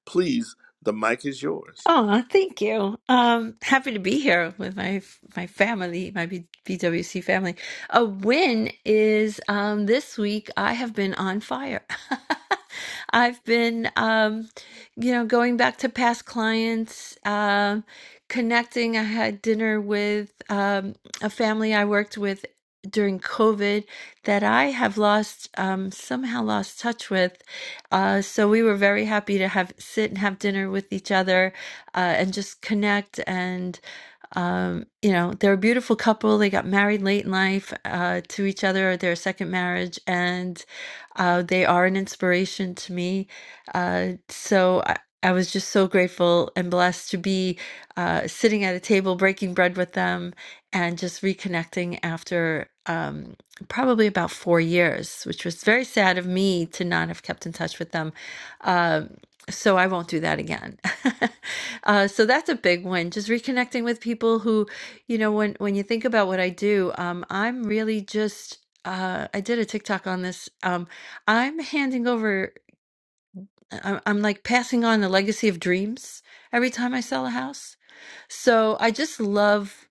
[SPEAKER 1] Please, the mic is yours.
[SPEAKER 11] Oh, thank you. Um, happy to be here with my my family, my B- BWC family. A win is um, this week. I have been on fire. I've been, um, you know, going back to past clients, um, connecting. I had dinner with um, a family I worked with during COVID that I have lost um, somehow lost touch with. Uh, so we were very happy to have sit and have dinner with each other uh, and just connect. And, um, you know, they're a beautiful couple. They got married late in life uh, to each other, their second marriage, and uh, they are an inspiration to me. Uh, so I, I was just so grateful and blessed to be uh, sitting at a table, breaking bread with them, and just reconnecting after. Um, probably about four years, which was very sad of me to not have kept in touch with them. Um, so I won't do that again. Uh, so that's a big one. Just reconnecting with people who, you know, when when you think about what I do, um, I'm really just. Uh, I did a TikTok on this. Um, I'm handing over. I'm, I'm like passing on the legacy of dreams every time I sell a house. So I just love.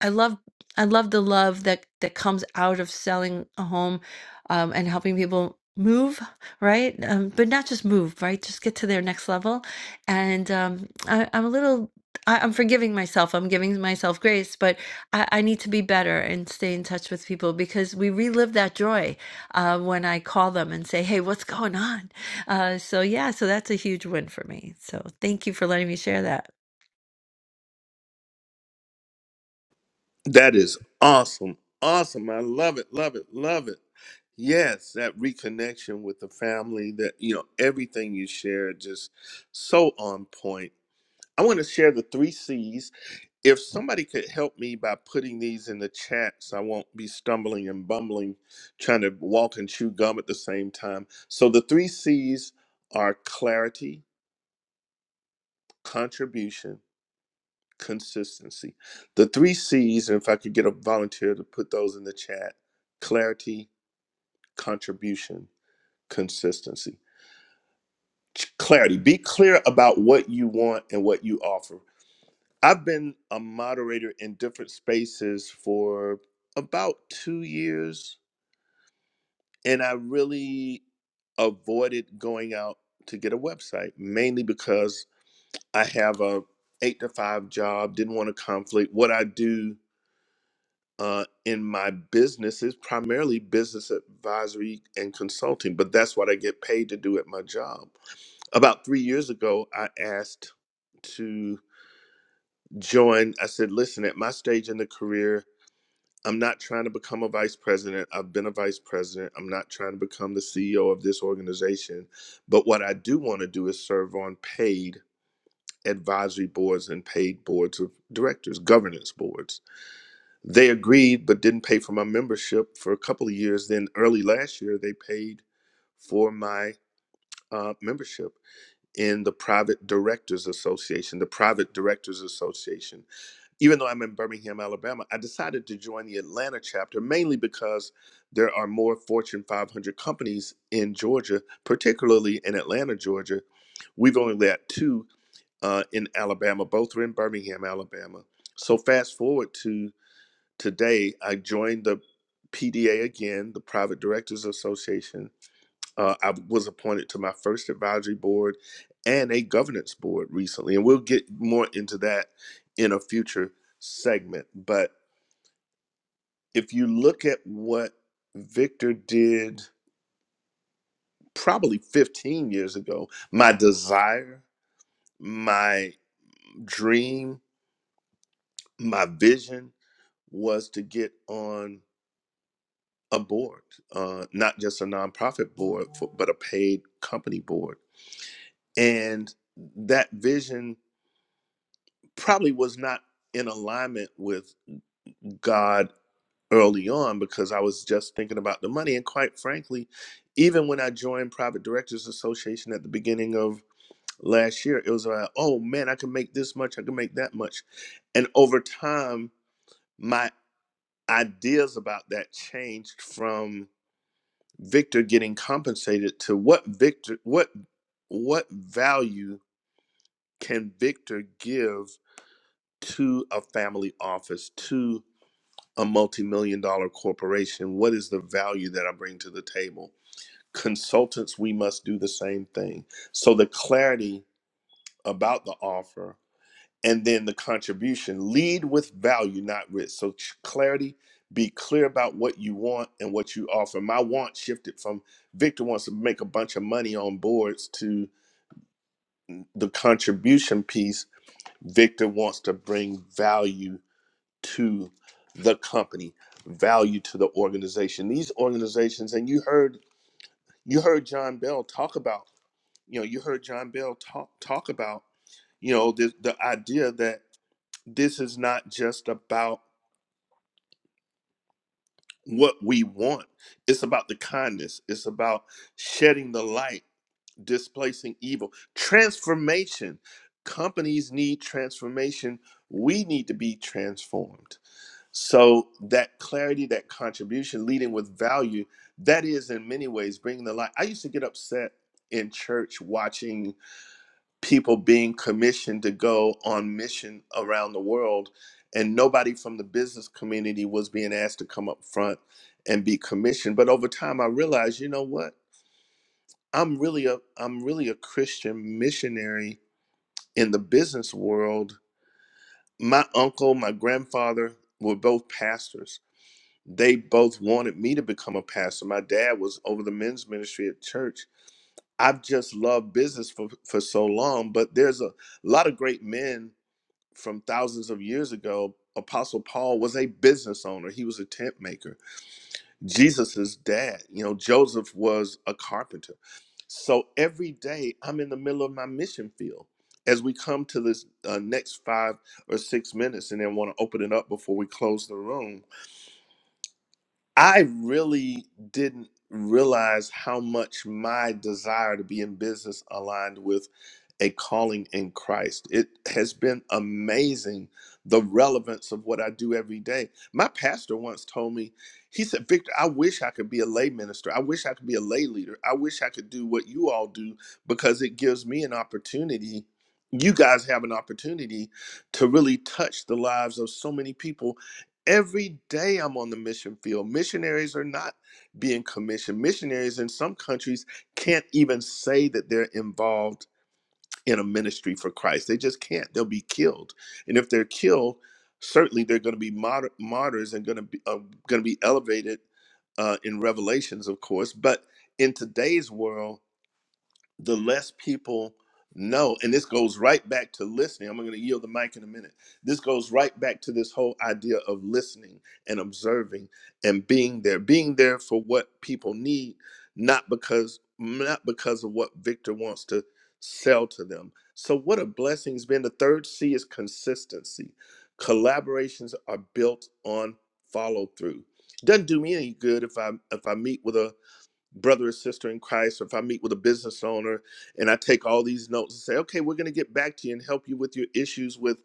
[SPEAKER 11] I love I love the love that that comes out of selling a home um, and helping people move, right? Um, but not just move, right? Just get to their next level. And um, I, I'm a little I, I'm forgiving myself. I'm giving myself grace, but I, I need to be better and stay in touch with people because we relive that joy uh, when I call them and say, "Hey, what's going on?" Uh, so yeah, so that's a huge win for me. So thank you for letting me share that.
[SPEAKER 1] That is awesome. Awesome. I love it. Love it. Love it. Yes, that reconnection with the family, that, you know, everything you shared just so on point. I want to share the three C's. If somebody could help me by putting these in the chat so I won't be stumbling and bumbling, trying to walk and chew gum at the same time. So the three C's are clarity, contribution, consistency. The three C's, and if I could get a volunteer to put those in the chat clarity, contribution, consistency. Ch- Clarity, be clear about what you want and what you offer. I've been a moderator in different spaces for about two years, and I really avoided going out to get a website mainly because I have a eight to five job, didn't want to conflict what I do uh, in my business is primarily business advisory and consulting, but that's what I get paid to do at my job. About three years ago, I asked to join. I said, listen, at my stage in the career, I'm not trying to become a vice president. I've been a vice president. I'm not trying to become the CEO of this organization. But what I do want to do is serve on paid advisory boards and paid boards of directors, governance boards they agreed but didn't pay for my membership for a couple of years. Then early last year, they paid for my uh, membership in the Private Directors Association, the Private Directors Association. Even though I'm in Birmingham, Alabama, I decided to join the Atlanta chapter mainly because there are more Fortune 500 companies in Georgia, particularly in Atlanta, Georgia. We've only got two uh, in Alabama, both are in Birmingham, Alabama. So fast forward to today I joined the PDA again, the Private Directors Association. Uh, I was appointed to my first advisory board and a governance board recently, and we'll get more into that in a future segment. But if you look at what Victor did probably 15 years ago, my desire, my dream, my vision was to get on a board, uh, not just a nonprofit board, for, but a paid company board. And that vision probably was not in alignment with God early on because I was just thinking about the money. And quite frankly, even when I joined Private Directors Association at the beginning of last year, it was like, oh man, I can make this much, I can make that much. And over time, my ideas about that changed from Victor getting compensated to what Victor what what value can Victor give to a family office to a multi-million dollar corporation what is the value that I bring to the table consultants we must do the same thing so the clarity about the offer and then the contribution lead with value not risk so ch- clarity be clear about what you want and what you offer my want shifted from victor wants to make a bunch of money on boards to the contribution piece victor wants to bring value to the company value to the organization these organizations and you heard you heard john bell talk about you know you heard john bell talk talk about you know the, the idea that this is not just about what we want it's about the kindness it's about shedding the light displacing evil transformation companies need transformation we need to be transformed so that clarity that contribution leading with value that is in many ways bringing the light i used to get upset in church watching people being commissioned to go on mission around the world and nobody from the business community was being asked to come up front and be commissioned but over time i realized you know what i'm really a i'm really a christian missionary in the business world my uncle my grandfather were both pastors they both wanted me to become a pastor my dad was over the men's ministry at church i've just loved business for, for so long but there's a lot of great men from thousands of years ago, Apostle Paul was a business owner. He was a tent maker. Jesus's dad, you know, Joseph was a carpenter. So every day I'm in the middle of my mission field. As we come to this uh, next five or six minutes and then want to open it up before we close the room, I really didn't realize how much my desire to be in business aligned with a calling in Christ. It has been amazing the relevance of what I do every day. My pastor once told me, he said, Victor, I wish I could be a lay minister. I wish I could be a lay leader. I wish I could do what you all do because it gives me an opportunity. You guys have an opportunity to really touch the lives of so many people. Every day I'm on the mission field. Missionaries are not being commissioned. Missionaries in some countries can't even say that they're involved in a ministry for Christ. They just can't. They'll be killed, and if they're killed, certainly they're going to be moder- martyrs and going to be uh, going to be elevated uh, in Revelations, of course. But in today's world, the less people know and this goes right back to listening i'm going to yield the mic in a minute this goes right back to this whole idea of listening and observing and being there being there for what people need not because not because of what victor wants to sell to them so what a blessing has been the third c is consistency collaborations are built on follow through doesn't do me any good if i if i meet with a brother or sister in Christ, or if I meet with a business owner and I take all these notes and say, okay, we're going to get back to you and help you with your issues with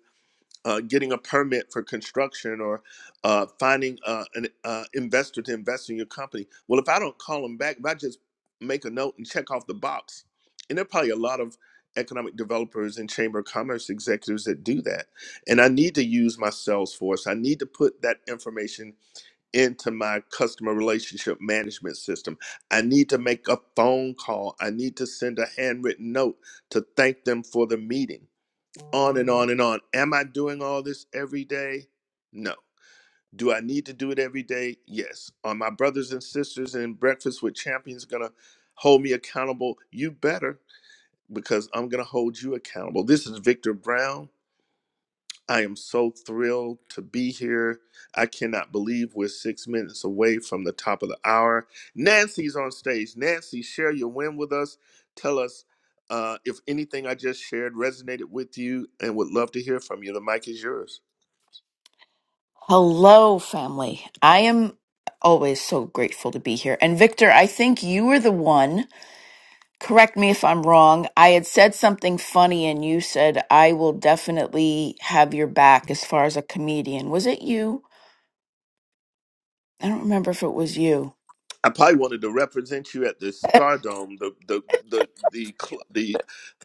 [SPEAKER 1] uh, getting a permit for construction or uh, finding uh, an uh, investor to invest in your company. Well, if I don't call them back, if I just make a note and check off the box, and there are probably a lot of economic developers and chamber of commerce executives that do that. And I need to use my Salesforce. I need to put that information into my customer relationship management system. I need to make a phone call. I need to send a handwritten note to thank them for the meeting. On and on and on. Am I doing all this every day? No. Do I need to do it every day? Yes. Are my brothers and sisters in Breakfast with Champions going to hold me accountable? You better, because I'm going to hold you accountable. This is Victor Brown. I am so thrilled to be here. I cannot believe we're six minutes away from the top of the hour. Nancy's on stage. Nancy, share your win with us. Tell us uh, if anything I just shared resonated with you and would love to hear from you. The mic is yours.
[SPEAKER 12] Hello, family. I am always so grateful to be here. And Victor, I think you were the one, correct me if I'm wrong. I had said something funny and you said, I will definitely have your back as far as a comedian. Was it you? I don't remember if it was you.
[SPEAKER 1] I probably wanted to represent you at the Stardome, the the the the cl- the,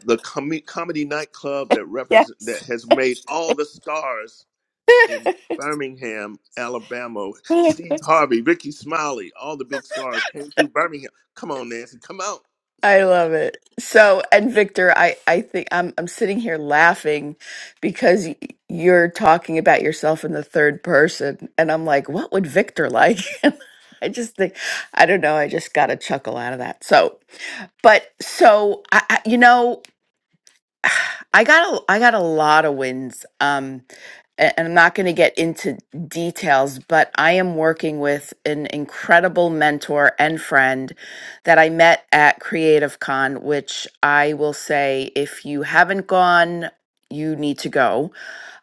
[SPEAKER 1] the com- comedy nightclub that represent that
[SPEAKER 12] Yes.
[SPEAKER 1] has made all the stars in Birmingham, Alabama. Steve Harvey, Ricky Smiley, all the big stars came through Birmingham. Come on, Nancy, come out.
[SPEAKER 12] I love it. So, and Victor, I I think I'm I'm sitting here laughing because y- you're talking about yourself in the third person, and I'm like, what would Victor like? I just think I don't know. I just got a chuckle out of that. So, but so I, I you know. I got a I got a lot of wins. Um a- and I'm not going to get into details, but I am working with an incredible mentor and friend that I met at Creative Con, which I will say if you haven't gone, you need to go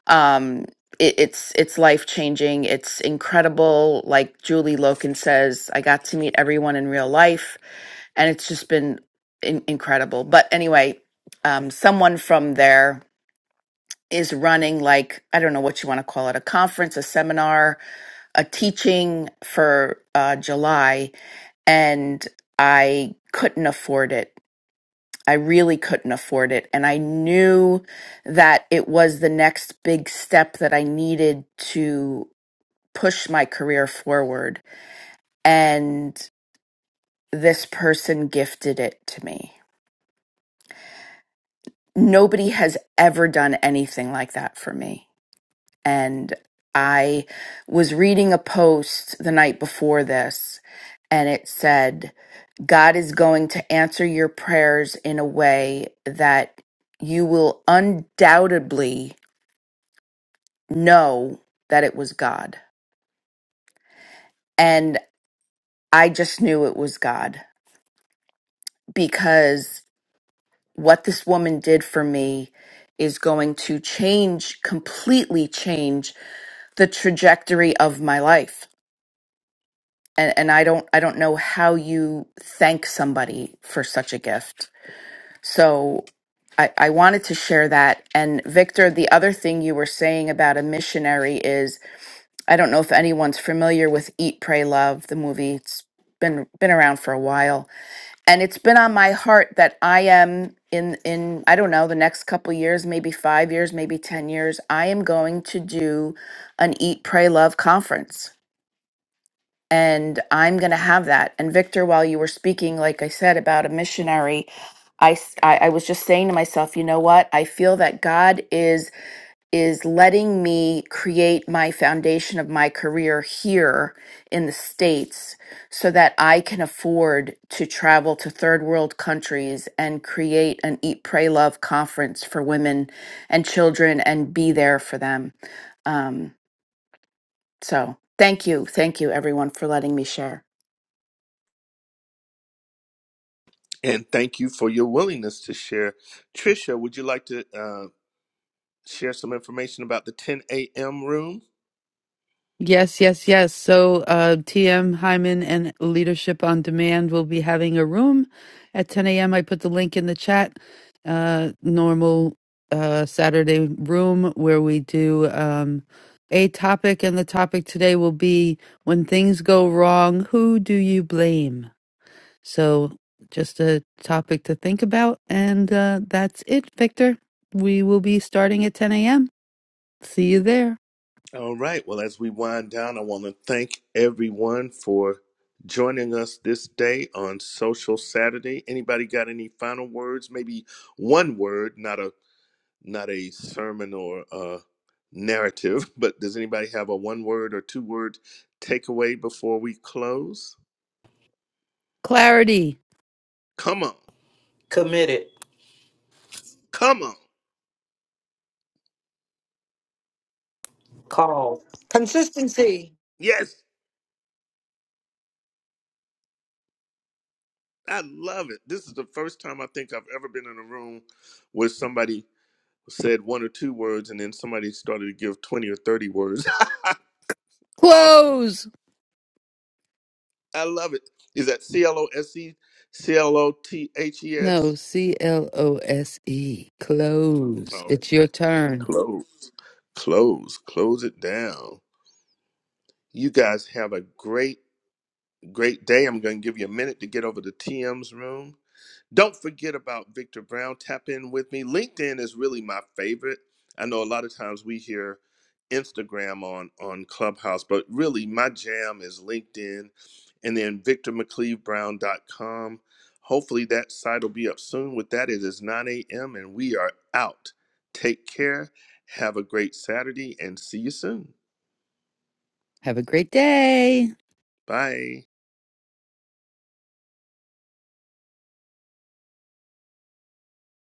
[SPEAKER 12] um it, it's it's life changing it's incredible like julie loken says i got to meet everyone in real life and it's just been in- incredible but anyway um someone from there is running like i don't know what you want to call it a conference a seminar a teaching for uh july and i couldn't afford it I really couldn't afford it. And I knew that it was the next big step that I needed to push my career forward. And this person gifted it to me. Nobody has ever done anything like that for me. And I was reading a post the night before this, and it said, God is going to answer your prayers in a way that you will undoubtedly know that it was God. And I just knew it was God because what this woman did for me is going to change completely change the trajectory of my life. And and I don't I don't know how you thank somebody for such a gift. So I, I wanted to share that. And Victor, the other thing you were saying about a missionary is I don't know if anyone's familiar with Eat, Pray, Love, the movie. It's been been around for a while, and it's been on my heart that I am in in I don't know the next couple years, maybe five years, maybe ten years. I am going to do an Eat, Pray, Love conference, and I'm going to have that. And Victor, while you were speaking, like I said about a missionary. I, s- I I was just saying to myself, you know what? I feel that God is is letting me create my foundation of my career here in the States so that I can afford to travel to third world countries and create an Eat, Pray, Love conference for women and children and be there for them. Um, so thank you. Thank you, everyone, for letting me share.
[SPEAKER 1] And thank you for your willingness to share. Trisha, would you like to uh, share some information about the 10 a.m. room?
[SPEAKER 7] Yes, yes, yes. So, uh, TM Hyman and Leadership on Demand will be having a room at 10 a.m. I put the link in the chat. Uh, normal uh, Saturday room where we do um, a topic, and the topic today will be when things go wrong, who do you blame? So, just a topic to think about, and uh, that's it, Victor. We will be starting at 10 a.m. See you there.
[SPEAKER 1] All right. Well, as we wind down, I want to thank everyone for joining us this day on Social Saturday. Anybody got any final words? Maybe one word, not a not a sermon or a narrative, but does anybody have a one word or two word takeaway before we close?
[SPEAKER 7] Clarity.
[SPEAKER 1] Come on.
[SPEAKER 6] Committed,
[SPEAKER 1] Come on.
[SPEAKER 6] called.
[SPEAKER 2] Consistency.
[SPEAKER 1] Yes, I love it. This is the first time I think I've ever been in a room where somebody said one or two words and then somebody started to give 20 or 30 words. awesome.
[SPEAKER 7] Close.
[SPEAKER 1] I love it. Is that C L O S E C L O T H E
[SPEAKER 7] No,
[SPEAKER 1] S?
[SPEAKER 7] C L O S E. Close.
[SPEAKER 1] All
[SPEAKER 7] It's your
[SPEAKER 1] right.
[SPEAKER 7] turn.
[SPEAKER 1] Close. Close. Close it down. You guys have a great, great day. I'm going to give you a minute to get over to TM's room. Don't forget about Victor Brown. Tap in with me. LinkedIn is really my favorite. I know a lot of times we hear Instagram on on Clubhouse, but really my jam is LinkedIn and then victormcleavebrown.com. Hopefully that site will be up soon. With that, it is 9 a.m. and we are out. Take care. Have a great Saturday and see you soon.
[SPEAKER 7] Have a great day.
[SPEAKER 1] Bye.